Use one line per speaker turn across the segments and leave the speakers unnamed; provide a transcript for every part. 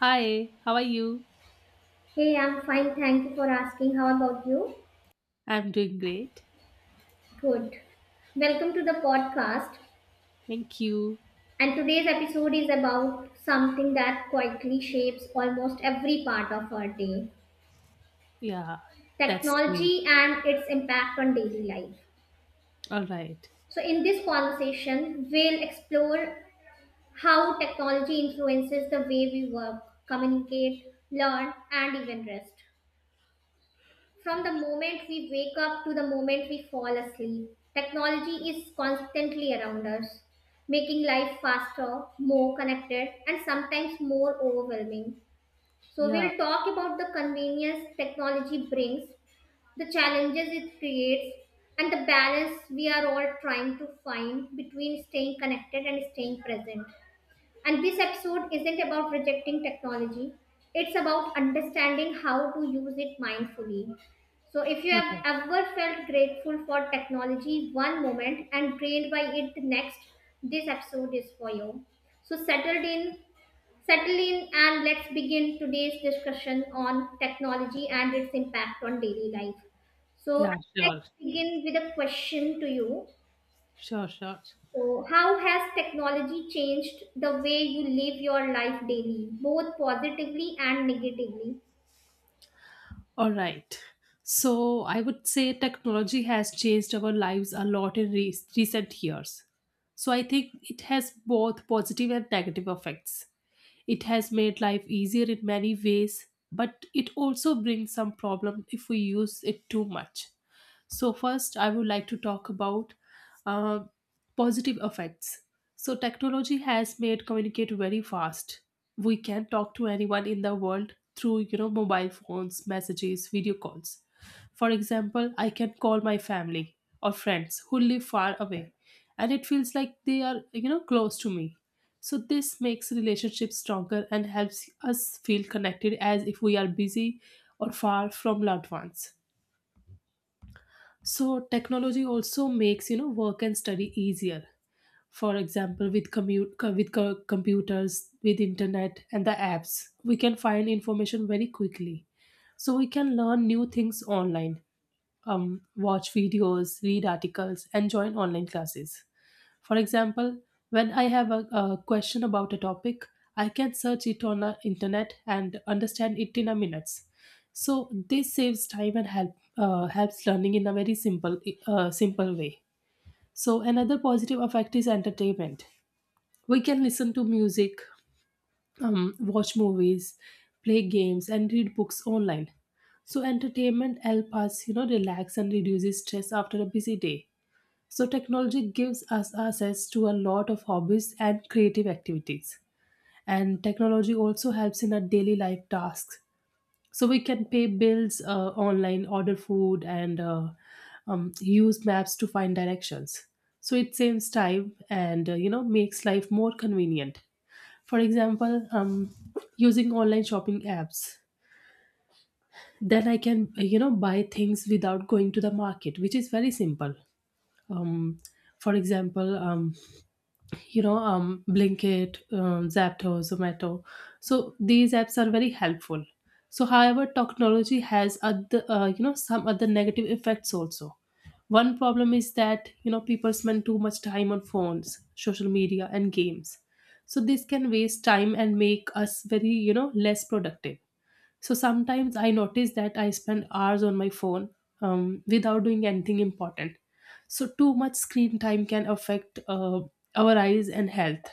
Hi, how are you?
Hey, I'm fine. Thank you for asking. How about you?
I'm doing great.
Good. Welcome to the podcast.
Thank you.
And today's episode is about something that quietly shapes almost every part of our day,
Yeah, that's great.
technology and its impact on daily life.
All right.
So, in this conversation, we'll explore how technology influences the way we work, communicate, learn, and even rest. From the moment we wake up to the moment we fall asleep, technology is constantly around us, making life faster, more connected, and sometimes more overwhelming. So,
Yeah,
we'll talk about the convenience technology brings, the challenges it creates, and the balance we are all trying to find between staying connected and staying present. And this episode isn't about rejecting technology, it's about understanding how to use it mindfully. So, if you
all
have
right.
ever felt grateful for technology one moment and drained by it the next, this episode is for you. So, settled in, settle in, and let's begin today's discussion on technology and its impact on daily life. So,
Yeah,
I'd like
sure.
to begin with a question to you.
Sure, sure.
So, how has technology changed the way you live your life daily, both positively and negatively?
All right. So, I would say technology has changed our lives a lot in recent years. So, I think it has both positive and negative effects. It has made life easier in many ways, but it also brings some problem if we use it too much. So, first, I would like to talk about uh, positive effects. So, technology has made communicate very fast. We can talk to anyone in the world through, mobile phones, messages, video calls. For example, I can call my family or friends who live far away, and it feels like they are, close to me. So this makes relationships stronger and helps us feel connected as if we are busy or far from loved ones. So technology also makes work and study easier. For example, with commute co- with co- computers, with internet and the apps, we can find information very quickly. So we can learn new things online, watch videos, read articles, and join online classes. For example, when I have a question about a topic, I can search it on the internet and understand it in a minutes. So this saves time and helps learning in a very simple way. So another positive effect is entertainment. We can listen to music, watch movies, play games, and read books online. So entertainment helps us, relax and reduces stress after a busy day. So, technology gives us access to a lot of hobbies and creative activities. And technology also helps in our daily life tasks. So, we can pay bills online, order food, and use maps to find directions. So, it saves time and makes life more convenient. For example, using online shopping apps, then I can buy things without going to the market, which is very simple. Um, for example, blinkit, zapto, zomato, so these apps are very helpful. So however, technology has other, some other negative effects also. One problem is that people spend too much time on phones, social media, and games. So this can waste time and make us very, less productive. So sometimes I notice that I spend hours on my phone without doing anything important. So too much screen time can affect our eyes and health.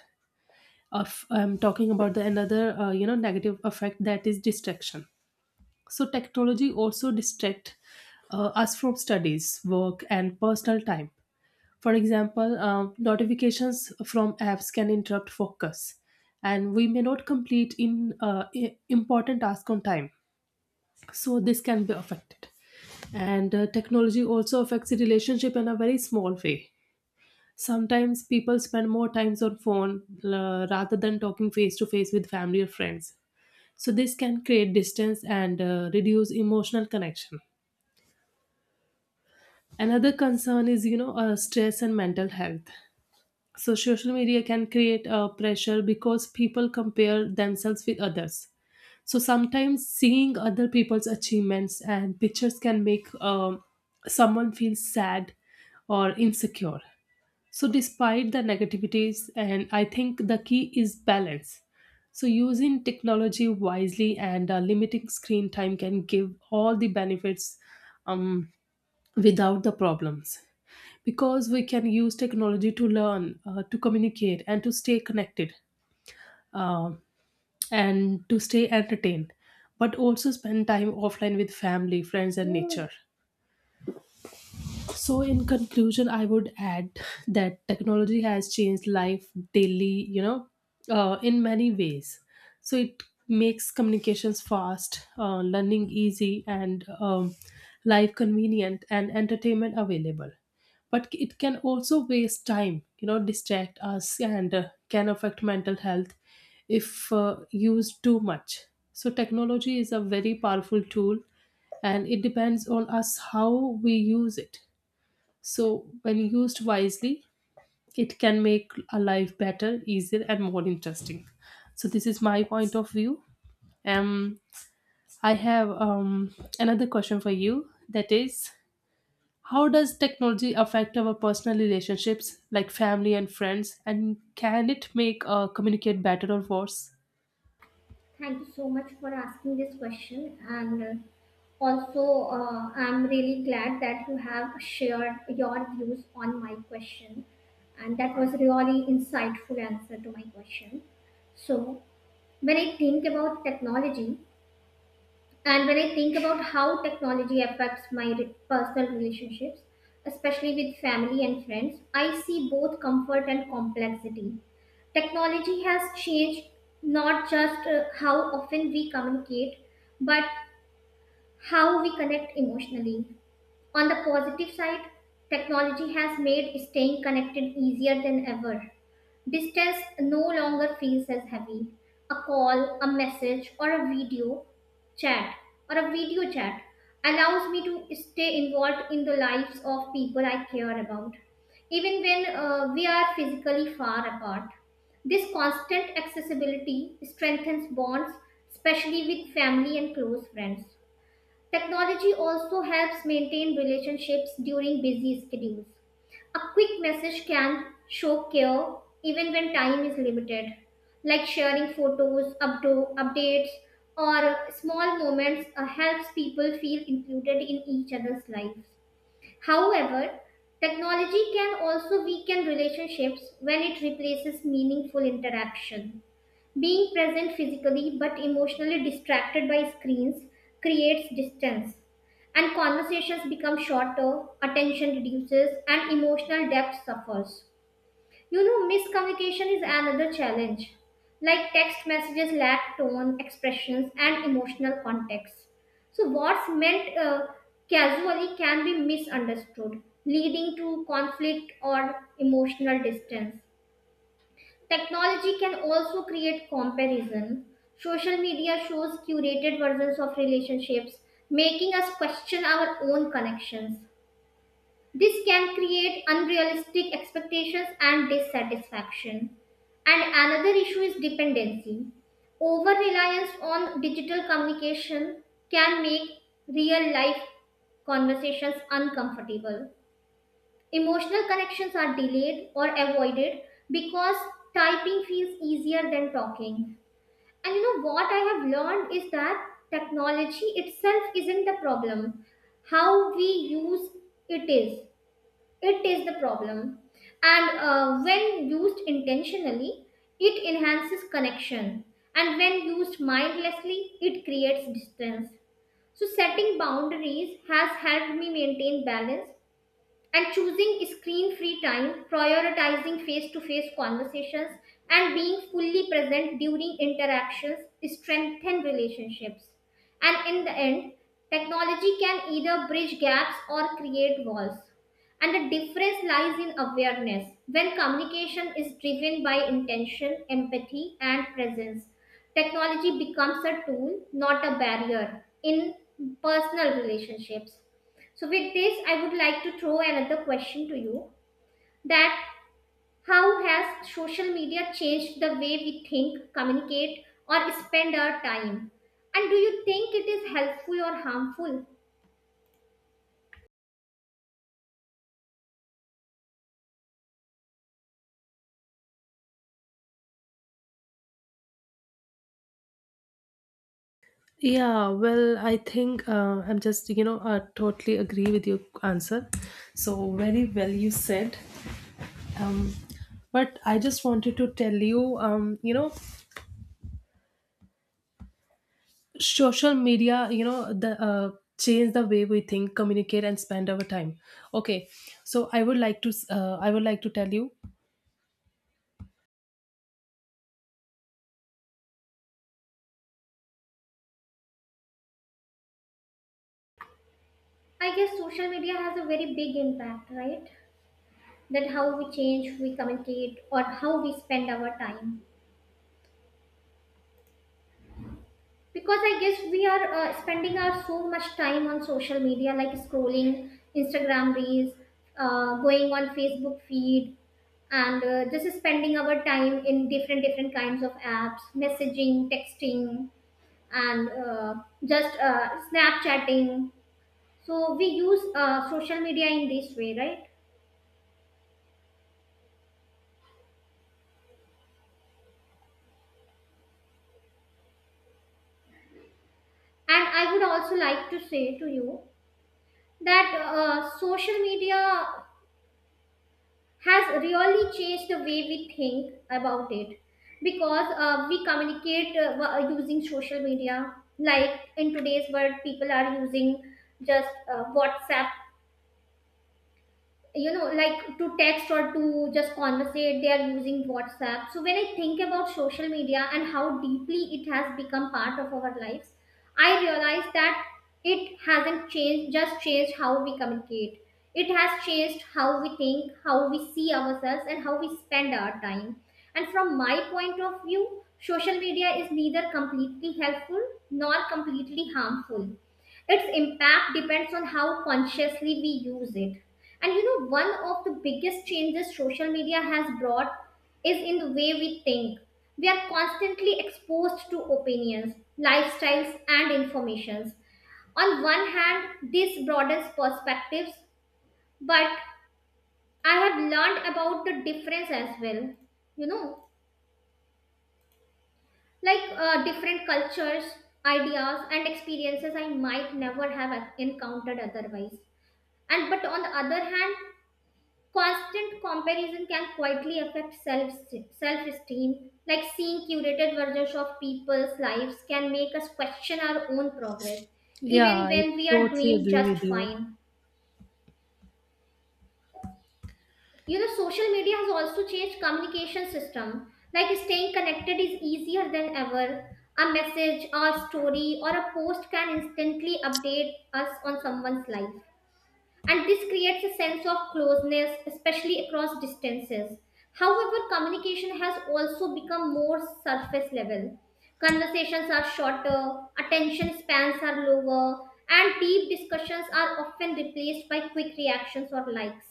Of I'm talking about the another, negative effect that is distraction. So technology also distract us from studies, work, and personal time. For example, notifications from apps can interrupt focus, and we may not complete in important task on time, so this can be affected. And technology also affects the relationship in a very small way. Sometimes people spend more times on phone rather than talking face to face with family or friends. So this can create distance and reduce emotional connection. Another concern is, stress and mental health. So social media can create a pressure because people compare themselves with others. So sometimes seeing other people's achievements and pictures can make someone feel sad or insecure. So, despite the negativities, and I think the key is balance. So, using technology wisely and limiting screen time can give all the benefits um, without the problems. Because we can use technology to learn, to communicate, and to stay connected. Um and to stay entertained, but also spend time offline with family, friends, and nature. So, in conclusion, I would add that technology has changed life daily, in many ways. So, it makes communications fast, learning easy, and life convenient, and entertainment available. But it can also waste time, distract us, and can affect mental health if used too much. So, technology is a very powerful tool and it depends on us how we use it. So, when used wisely, it can make a life better, easier, and more interesting. So, this is my point of view. Um, I have, another question for you, that is, how does technology affect our personal relationships like family and friends, and can it make communicate better or worse?
Thank you so much for asking this question. And also, I'm really glad that you have shared your views on my question. And that was really insightful answer to my question. So, when I think about technology, and when I think about how technology affects personal relationships, especially with family and friends, I see both comfort and complexity. Technology has changed not just how often we communicate, but how we connect emotionally. On the positive side, technology has made staying connected easier than ever. Distance no longer feels as heavy. A call, a message, or a video chat or a video chat allows me to stay involved in the lives of people I care about, even when we are physically far apart. This constant accessibility strengthens bonds, especially with family and close friends. Technology also helps maintain relationships during busy schedules. A quick message can show care even when time is limited, like sharing photos, updates, or small moments helps people feel included in each other's lives. However, technology can also weaken relationships when it replaces meaningful interaction. Being present physically but emotionally distracted by screens creates distance, and conversations become shorter, attention reduces, and emotional depth suffers. You know, miscommunication is another challenge. Like, text messages lack tone, expressions, and emotional context. So, what's meant casually can be misunderstood, leading to conflict or emotional distance. Technology can also create comparison. Social media shows curated versions of relationships, making us question our own connections. This can create unrealistic expectations and dissatisfaction. And another issue is dependency. Over reliance on digital communication can make real life conversations uncomfortable. Emotional connections are delayed or avoided because typing feels easier than talking. And you know what I have learned is that technology itself isn't the problem. How we use it is. It is the problem. And when used intentionally, it enhances connection. And when used mindlessly, it creates distance. So, setting boundaries has helped me maintain balance and choosing screen free time, prioritizing face to face conversations, and being fully present during interactions strengthen relationships. And in the end, technology can either bridge gaps or create walls. And the difference lies in awareness. When communication is driven by intention, empathy, and presence, technology becomes a tool, not a barrier in personal relationships. So, with this, I would like to throw another question to you: that how has social media changed the way we think, communicate, or spend our time? And do you think it is helpful or harmful?
Yeah, well, I think I'm just, I totally agree with your answer. So, very well you said. um but I just wanted to tell you, you know social media, you know the change the way we think, communicate, and spend our time. Okay, so I would like to I would like to tell you.
I guess social media has a very big impact, right? That how we change, we communicate, or how we spend our time. Because I guess we are spending our so much time on social media, like scrolling Instagram reels, going on Facebook feed, and just spending our time in different different kinds of apps, messaging, texting, and just snapchatting. So we use social media in this way, right? And I would also like to say to you that social media has really changed the way we think about it, because we communicate using social media. Like, in today's world people are using just WhatsApp, you know, like to text or to just conversate. They are using WhatsApp. So when I think about social media and how deeply it has become part of our lives, I realize that it hasn't changed just changed how we communicate, it has changed how we think, how we see ourselves, and how we spend our time. And from my point of view, social media is neither completely helpful nor completely harmful. Its impact depends on how consciously we use it. And you know, one of the biggest changes social media has brought is in the way we think. We are constantly exposed to opinions, lifestyles, and informations. On one hand, this broadens perspectives, but I have learned about the difference as well. You know, like different cultures, ideas, and experiences I might never have encountered otherwise. And but on the other hand, constant comparison can quietly affect self esteem. Like seeing curated versions of people's lives can make us question our own progress,
Yeah,
even
I
when we are
totally
doing
agree
just
with you.
fine. You know, social media has also changed communication system. Like staying connected is easier than ever. A message, a story, or a post can instantly update us on someone's life, and this creates a sense of closeness, especially across distances. However, communication has also become more surface level. Conversations are shorter, attention spans are lower, and deep discussions are often replaced by quick reactions or likes.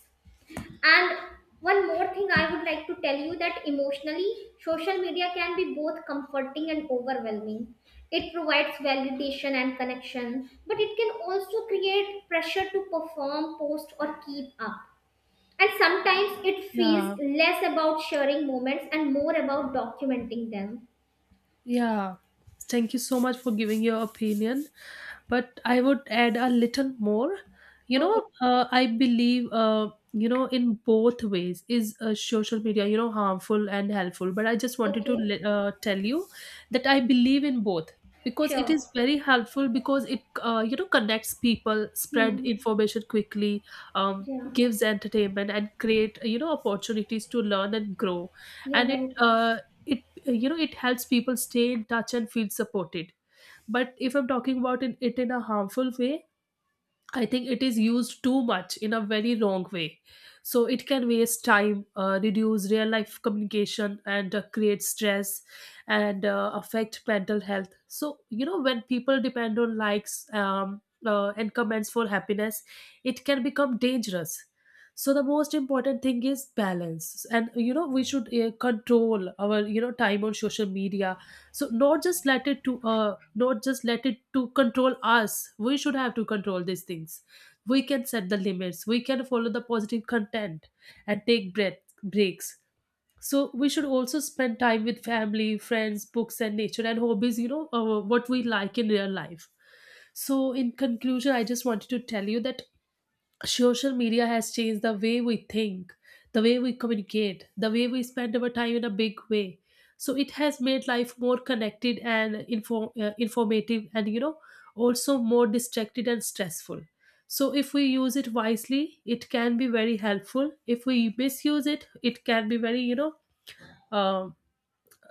And one more thing I would like to tell you, that emotionally, social media can be both comforting and overwhelming. It provides validation and connection, but it can also create pressure to perform, post, or keep up. And sometimes it
Yeah.
feels less about sharing moments and more about documenting them.
Yeah, thank you so much for giving your opinion. But I would add a little more. You
Okay,
know, I believe in both ways is, social media, harmful and helpful. But I just wanted to
okay,
tell you that I believe in both, because it
sure.
is very helpful because it, connects people, spread
Hmm.
information quickly,
Yeah,
gives entertainment and create, opportunities to learn and grow.
yeah,
And it,
right.
uh, it it helps people stay in touch and feel supported. But if I'm talking about it in a harmful way, I think it is used too much in a very wrong way. So it can waste time, reduce real life communication, and create stress and affect mental health. So, you know, when people depend on likes and comments for happiness, it can become dangerous. So the most important thing is balance, and you know we should control our time on social media, so not just let it to not just let it to control us. We should have to control these things. We can set the limits, we can follow the positive content, and take breath breaks. So we should also spend time with family, friends, books, and nature, and hobbies, what we like in real life. So in conclusion, I just wanted to tell you that social media has changed the way we think, the way we communicate, the way we spend our time in a big way. So it has made life more connected and informative, and you know, also more distracted and stressful. So if we use it wisely, it can be very helpful. If we misuse it, it can be very, um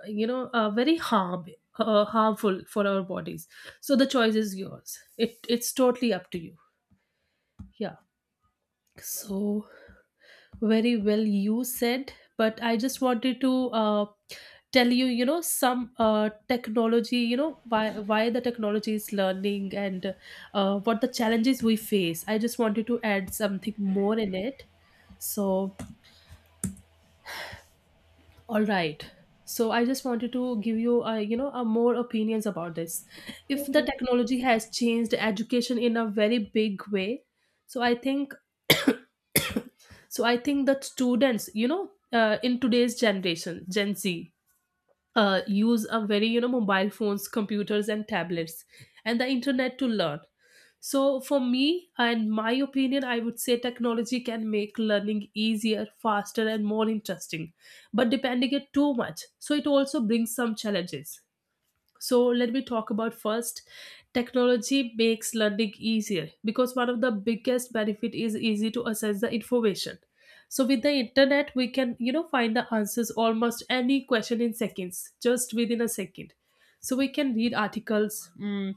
you know, very harm harmful for our bodies. So the choice is yours. It's totally up to you. Yeah. So, very well you said, but I just wanted to tell you, some technology, why the technology is learning and what the challenges we face. I just wanted to add something more in it. So, all right. So I just wanted to give you, a more opinions about this. If the
Okay,
technology has changed education in a very big way, so I think, that students, in today's generation, Gen Z, use a very mobile phones, computers, and tablets, and the internet to learn. So for me and my opinion, I would say technology can make learning easier, faster, and more interesting. But depending it too much, so it also brings some challenges. So let me talk about first, technology makes learning easier because one of the biggest benefit is easy to access the information. So with the internet we can find the answers almost any question in seconds, just within a second. So we can read articles, mm,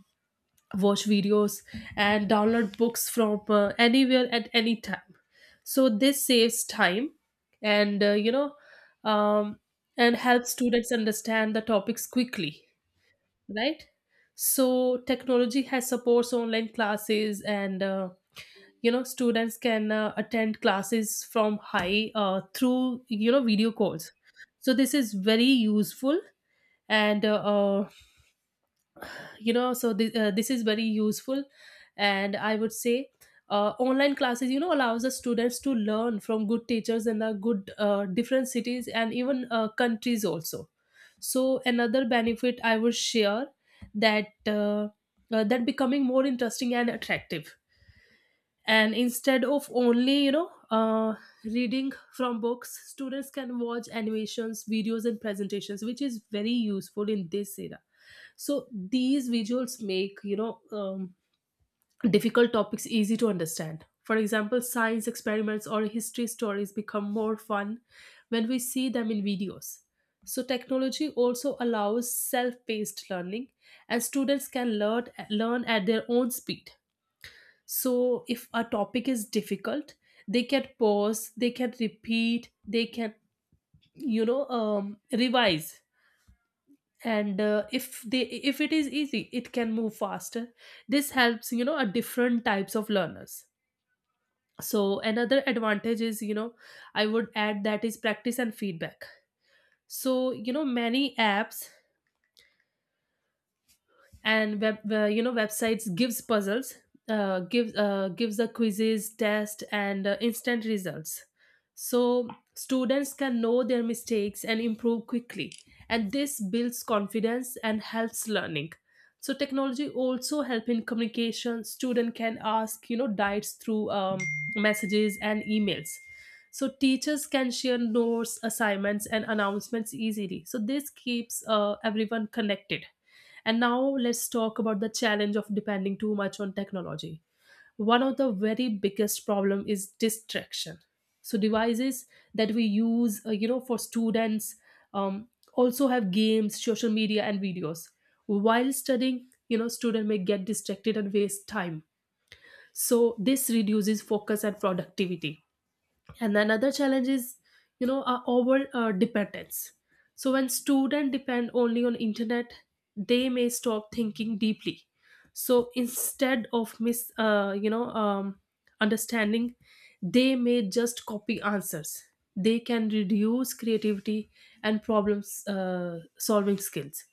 watch videos, and download books from anywhere at any time. So this saves time and you know um, and helps students understand the topics quickly, right. So technology has supports online classes and students can attend classes from high through video calls. So this is very useful and so this is very useful. And I would say online classes allows the students to learn from good teachers in the good different cities and even countries also. So another benefit I would share that uh, that becoming more interesting and attractive, and instead of only reading from books students can watch animations videos and presentations, which is very useful in this era. So these visuals make difficult topics easy to understand. For example, science experiments or history stories become more fun when we see them in videos. So technology also allows self-paced learning and students can learn at their own speed. So if a topic is difficult, they can pause, they can repeat, they can revise, and if they, if it is easy it can move faster. This helps a different types of learners. So another advantage is, I would add, that is practice and feedback. So many apps and websites gives puzzles, gives the quizzes test and instant results. So students can know their mistakes and improve quickly, and this builds confidence and helps learning. So technology also help in communication. Student can ask diets through messages and emails. So teachers can share notes assignments and announcements easily, so this keeps everyone connected. And now let's talk about the challenge of depending too much on technology. One of the very biggest problem is distraction. So devices that we use, for students, um, also have games, social media, and videos. While studying, you know, student may get distracted and waste time. So this reduces focus and productivity. And another challenge is, you know, our over dependence. So when students depend only on internet, they may stop thinking deeply. So instead of mis you know understanding, they may just copy answers. They can reduce creativity and problem solving skills.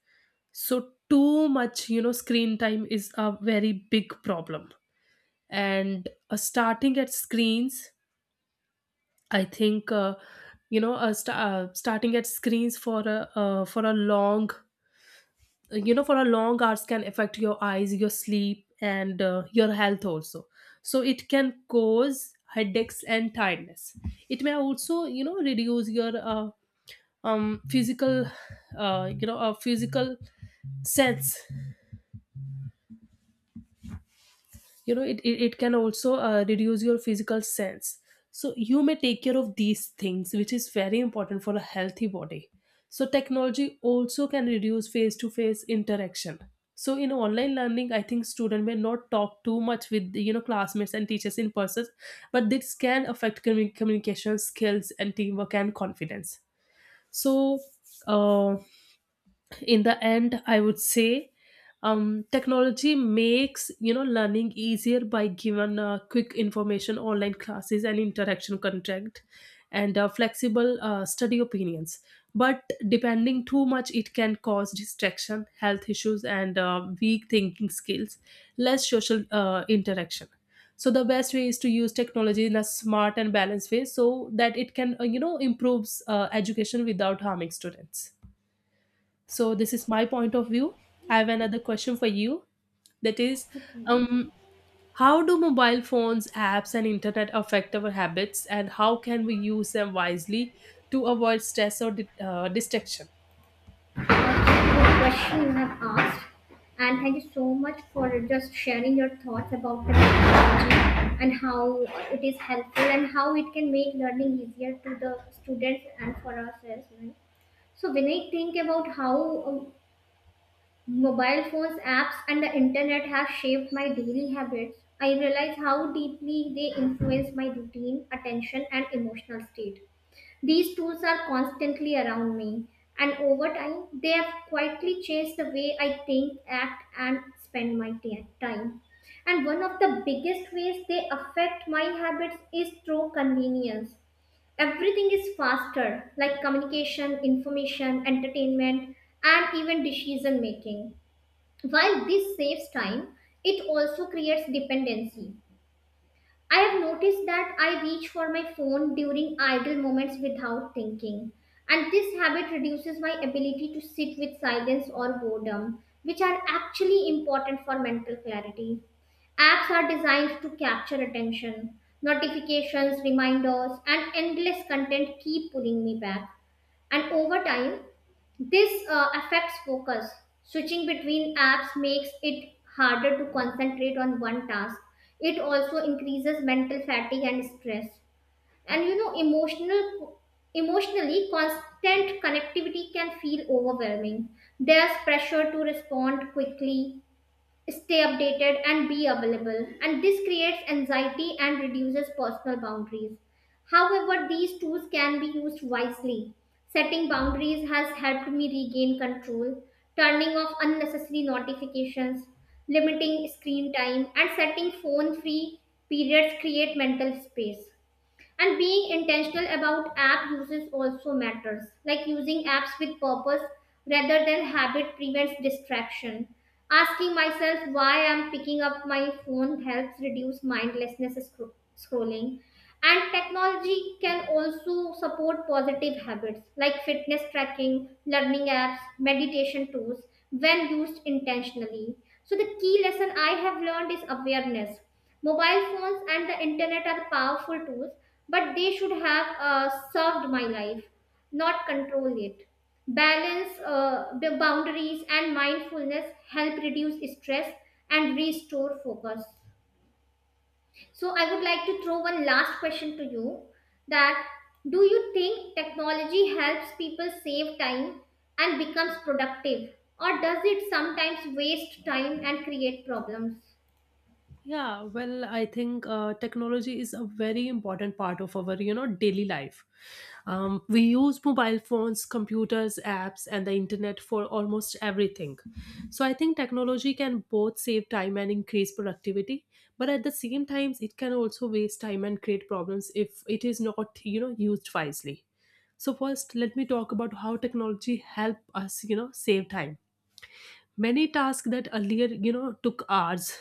So too much, you know, screen time is a very big problem. And starting at screens, I think, starting at screens for a, for a long, you know, for a long hours can affect your eyes, your sleep, and your health also. So it can cause headaches and tiredness. It may also, you know, reduce your physical, physical sense. You know, it can also reduce your physical sense. So you may take care of these things which is very important for a healthy body. So technology also can reduce face to face interaction. So in online learning I think student may not talk too much with, you know, classmates and teachers in person. But this can affect communication skills and teamwork and confidence. So, uh, in the end I would say, technology makes, you know, learning easier by giving quick information, online classes, and interaction content, and flexible study opinions. But depending too much, it can cause distraction, health issues, and weak thinking skills, less social interaction. So the best way is to use technology in a smart and balanced way, so that it can, improves education without harming students. So this is my point of view. I have another question for you. That is,
okay,
um, how do mobile phones, apps, and internet affect our habits, and how can we use them wisely to avoid stress or distraction?
the question you have asked. And thank you so much for just sharing your thoughts about the technology and how it is helpful and how it can make learning easier to the students and for us as well. So when I think about how um, mobile phones, apps, and the internet have shaped my daily habits, I realize how deeply they influence my routine, attention, and emotional state. These tools are constantly around me, and over time, they have quietly changed the way I think, act, and spend time. And one of the biggest ways they affect my habits is through convenience. Everything is faster, like communication, information, entertainment, and even decision making. While this saves time, it also creates dependency. I have noticed that I reach for my phone during idle moments without thinking, and this habit reduces my ability to sit with silence or boredom, which are actually important for mental clarity. Apps are designed to capture attention. Notifications, reminders, and endless content keep pulling me back, and over time, this affects focus. Switching between apps makes it harder to concentrate on one task. It also increases mental fatigue and stress. And you know, emotionally, constant connectivity can feel overwhelming. There's pressure to respond quickly, stay updated, and be available, and this creates anxiety and reduces personal boundaries. However, these tools can be used wisely. Setting boundaries has helped me regain control. Turning off unnecessary notifications, limiting screen time, and setting phone free periods create mental space. And being intentional about app uses also matters. Like using apps with purpose rather than habit prevents distraction. Asking myself why I'm picking up my phone helps reduce mindlessness scrolling. And technology can also support positive habits like fitness tracking, learning apps, meditation tools, when used intentionally. So the key lesson I have learned is awareness. Mobile phones and the internet are powerful tools, but they should have served my life, not control it. Balance, boundaries, and mindfulness help reduce stress and restore focus. So, I would like to throw one last question to you, that do you think technology helps people save time and becomes productive, or does it sometimes waste time and create problems?
Yeah, well, I think technology is a very important part of our, you know, daily life. We use mobile phones, computers, apps, and the internet for almost everything. So I think technology can both save time and increase productivity, but at the same time, it can also waste time and create problems if it is not, you know, used wisely. So first, let me talk about how technology help us, you know, save time. Many tasks that earlier, you know, took hours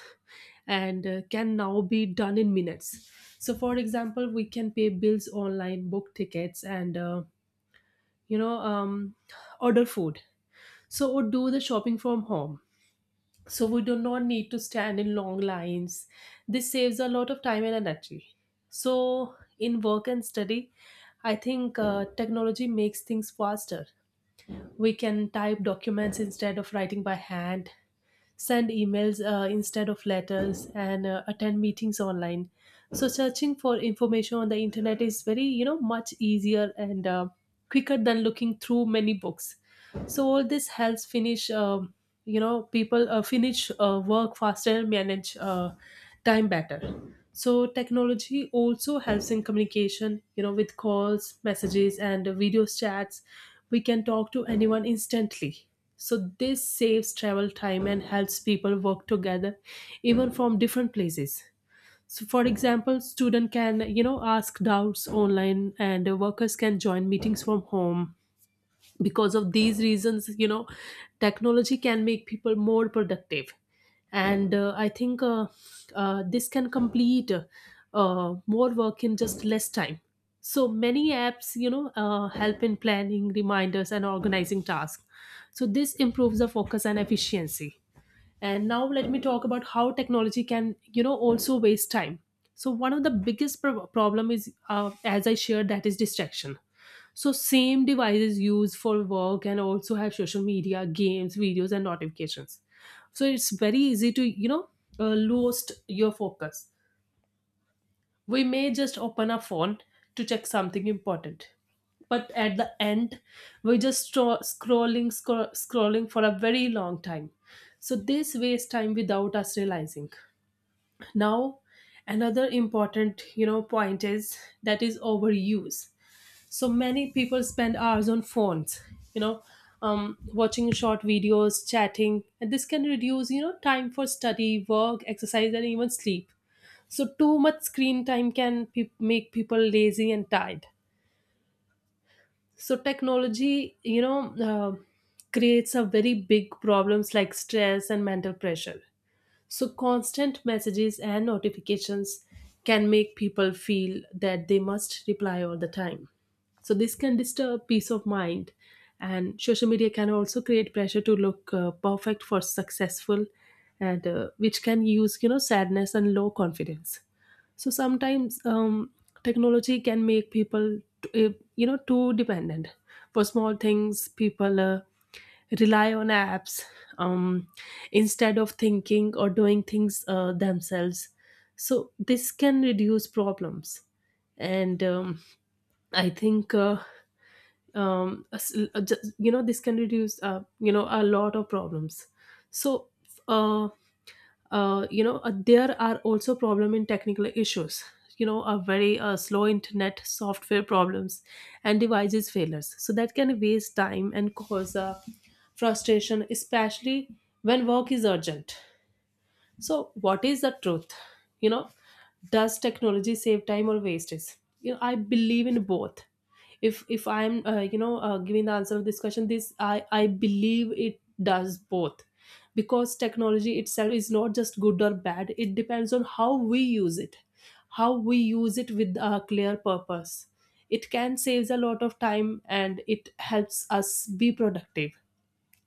and can now be done in minutes. So, for example, we can pay bills online, book tickets, and you know, um, order food. So, or do the shopping from home. So, we do not need to stand in long lines. This saves a lot of time and energy. So, in work and study, I think technology makes things faster. We can type documents instead of writing by hand, send emails instead of letters, and attend meetings online. So searching for information on the internet is very, you know, much easier and quicker than looking through many books. So all this helps finish, people finish work faster and manage time better. So technology also helps in communication, you know, with calls, messages, and video chats. We can talk to anyone instantly. So this saves travel time and helps people work together, even from different places. So, for example, student can, you know, ask doubts online, and workers can join meetings from home. Because of these reasons, you know, technology can make people more productive, and I think, this can complete more work in just less time. So many apps, you know, help in planning, reminders, and organizing tasks. So this improves the focus and efficiency. And now let me talk about how technology can, you know, also waste time. So one of the biggest problem is, as I shared, that is distraction. So same devices used for work and also have social media, games, videos, and notifications. So it's very easy to, you know, lose your focus. We may just open our phone to check something important. But at the end, we're just scrolling, scrolling for a very long time. So this wastes time without us realizing. Now, another important, you know, point is, that is overuse. So many people spend hours on phones, you know, watching short videos, chatting, and this can reduce, you know, time for study, work, exercise, and even sleep. So, too much screen time can make people lazy and tired. So, technology, creates a very big problems like stress and mental pressure. So, constant messages and notifications can make people feel that they must reply all the time. So, this can disturb peace of mind. And social media can also create pressure to look perfect for successful, and which can use, you know, sadness and low confidence. So sometimes, technology can make people you know, too dependent. For small things people rely on apps, um, instead of thinking or doing things, themselves. So this can reduce problems. And, I think, you know, this can reduce, you know, a lot of problems. So, uh, there are also problem in technical issues, you know, a very, slow internet, software problems, and devices failures. So that can waste time and cause frustration, especially when work is urgent. So, what is the truth? You know, does technology save time or waste it? You know, I believe in both. If I'm, giving the answer of this question, this I believe it does both, because technology itself is not just good or bad. It depends on how we use it, how we use it with a clear purpose. It can save a lot of time and it helps us be productive.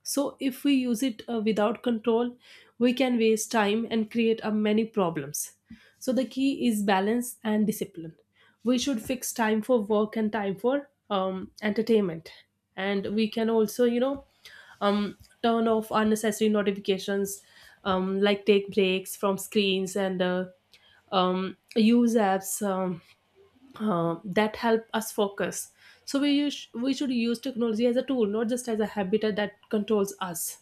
So, if we use it without control, we can waste time and create many problems. So, the key is balance and discipline. We should fix time for work and time for, entertainment. And we can also, you know, um, turn off unnecessary notifications, like take breaks from screens, and use apps, that help us focus. So we should use technology as a tool, not just as a habit that controls us.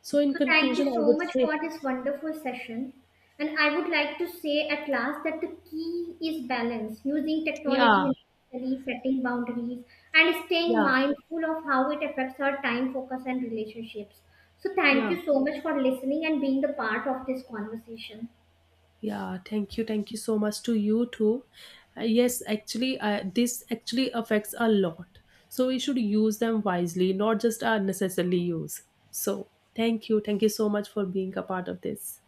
So in
So, thank
conclusion,
you
I
so
would
much
say,
for this wonderful session. And I would like to say at last that the key is balance, using
yeah,
technology intentionally, setting boundaries, and staying
yeah,
mindful of how it affects our time, focus, and relationships. So, thank
yeah,
you so much for listening and being the part of this conversation.
yeah. Thank you so much to you too. Yes, actually, this actually affects a lot. So we should use them wisely, not just unnecessarily use. So thank you so much for being a part of this.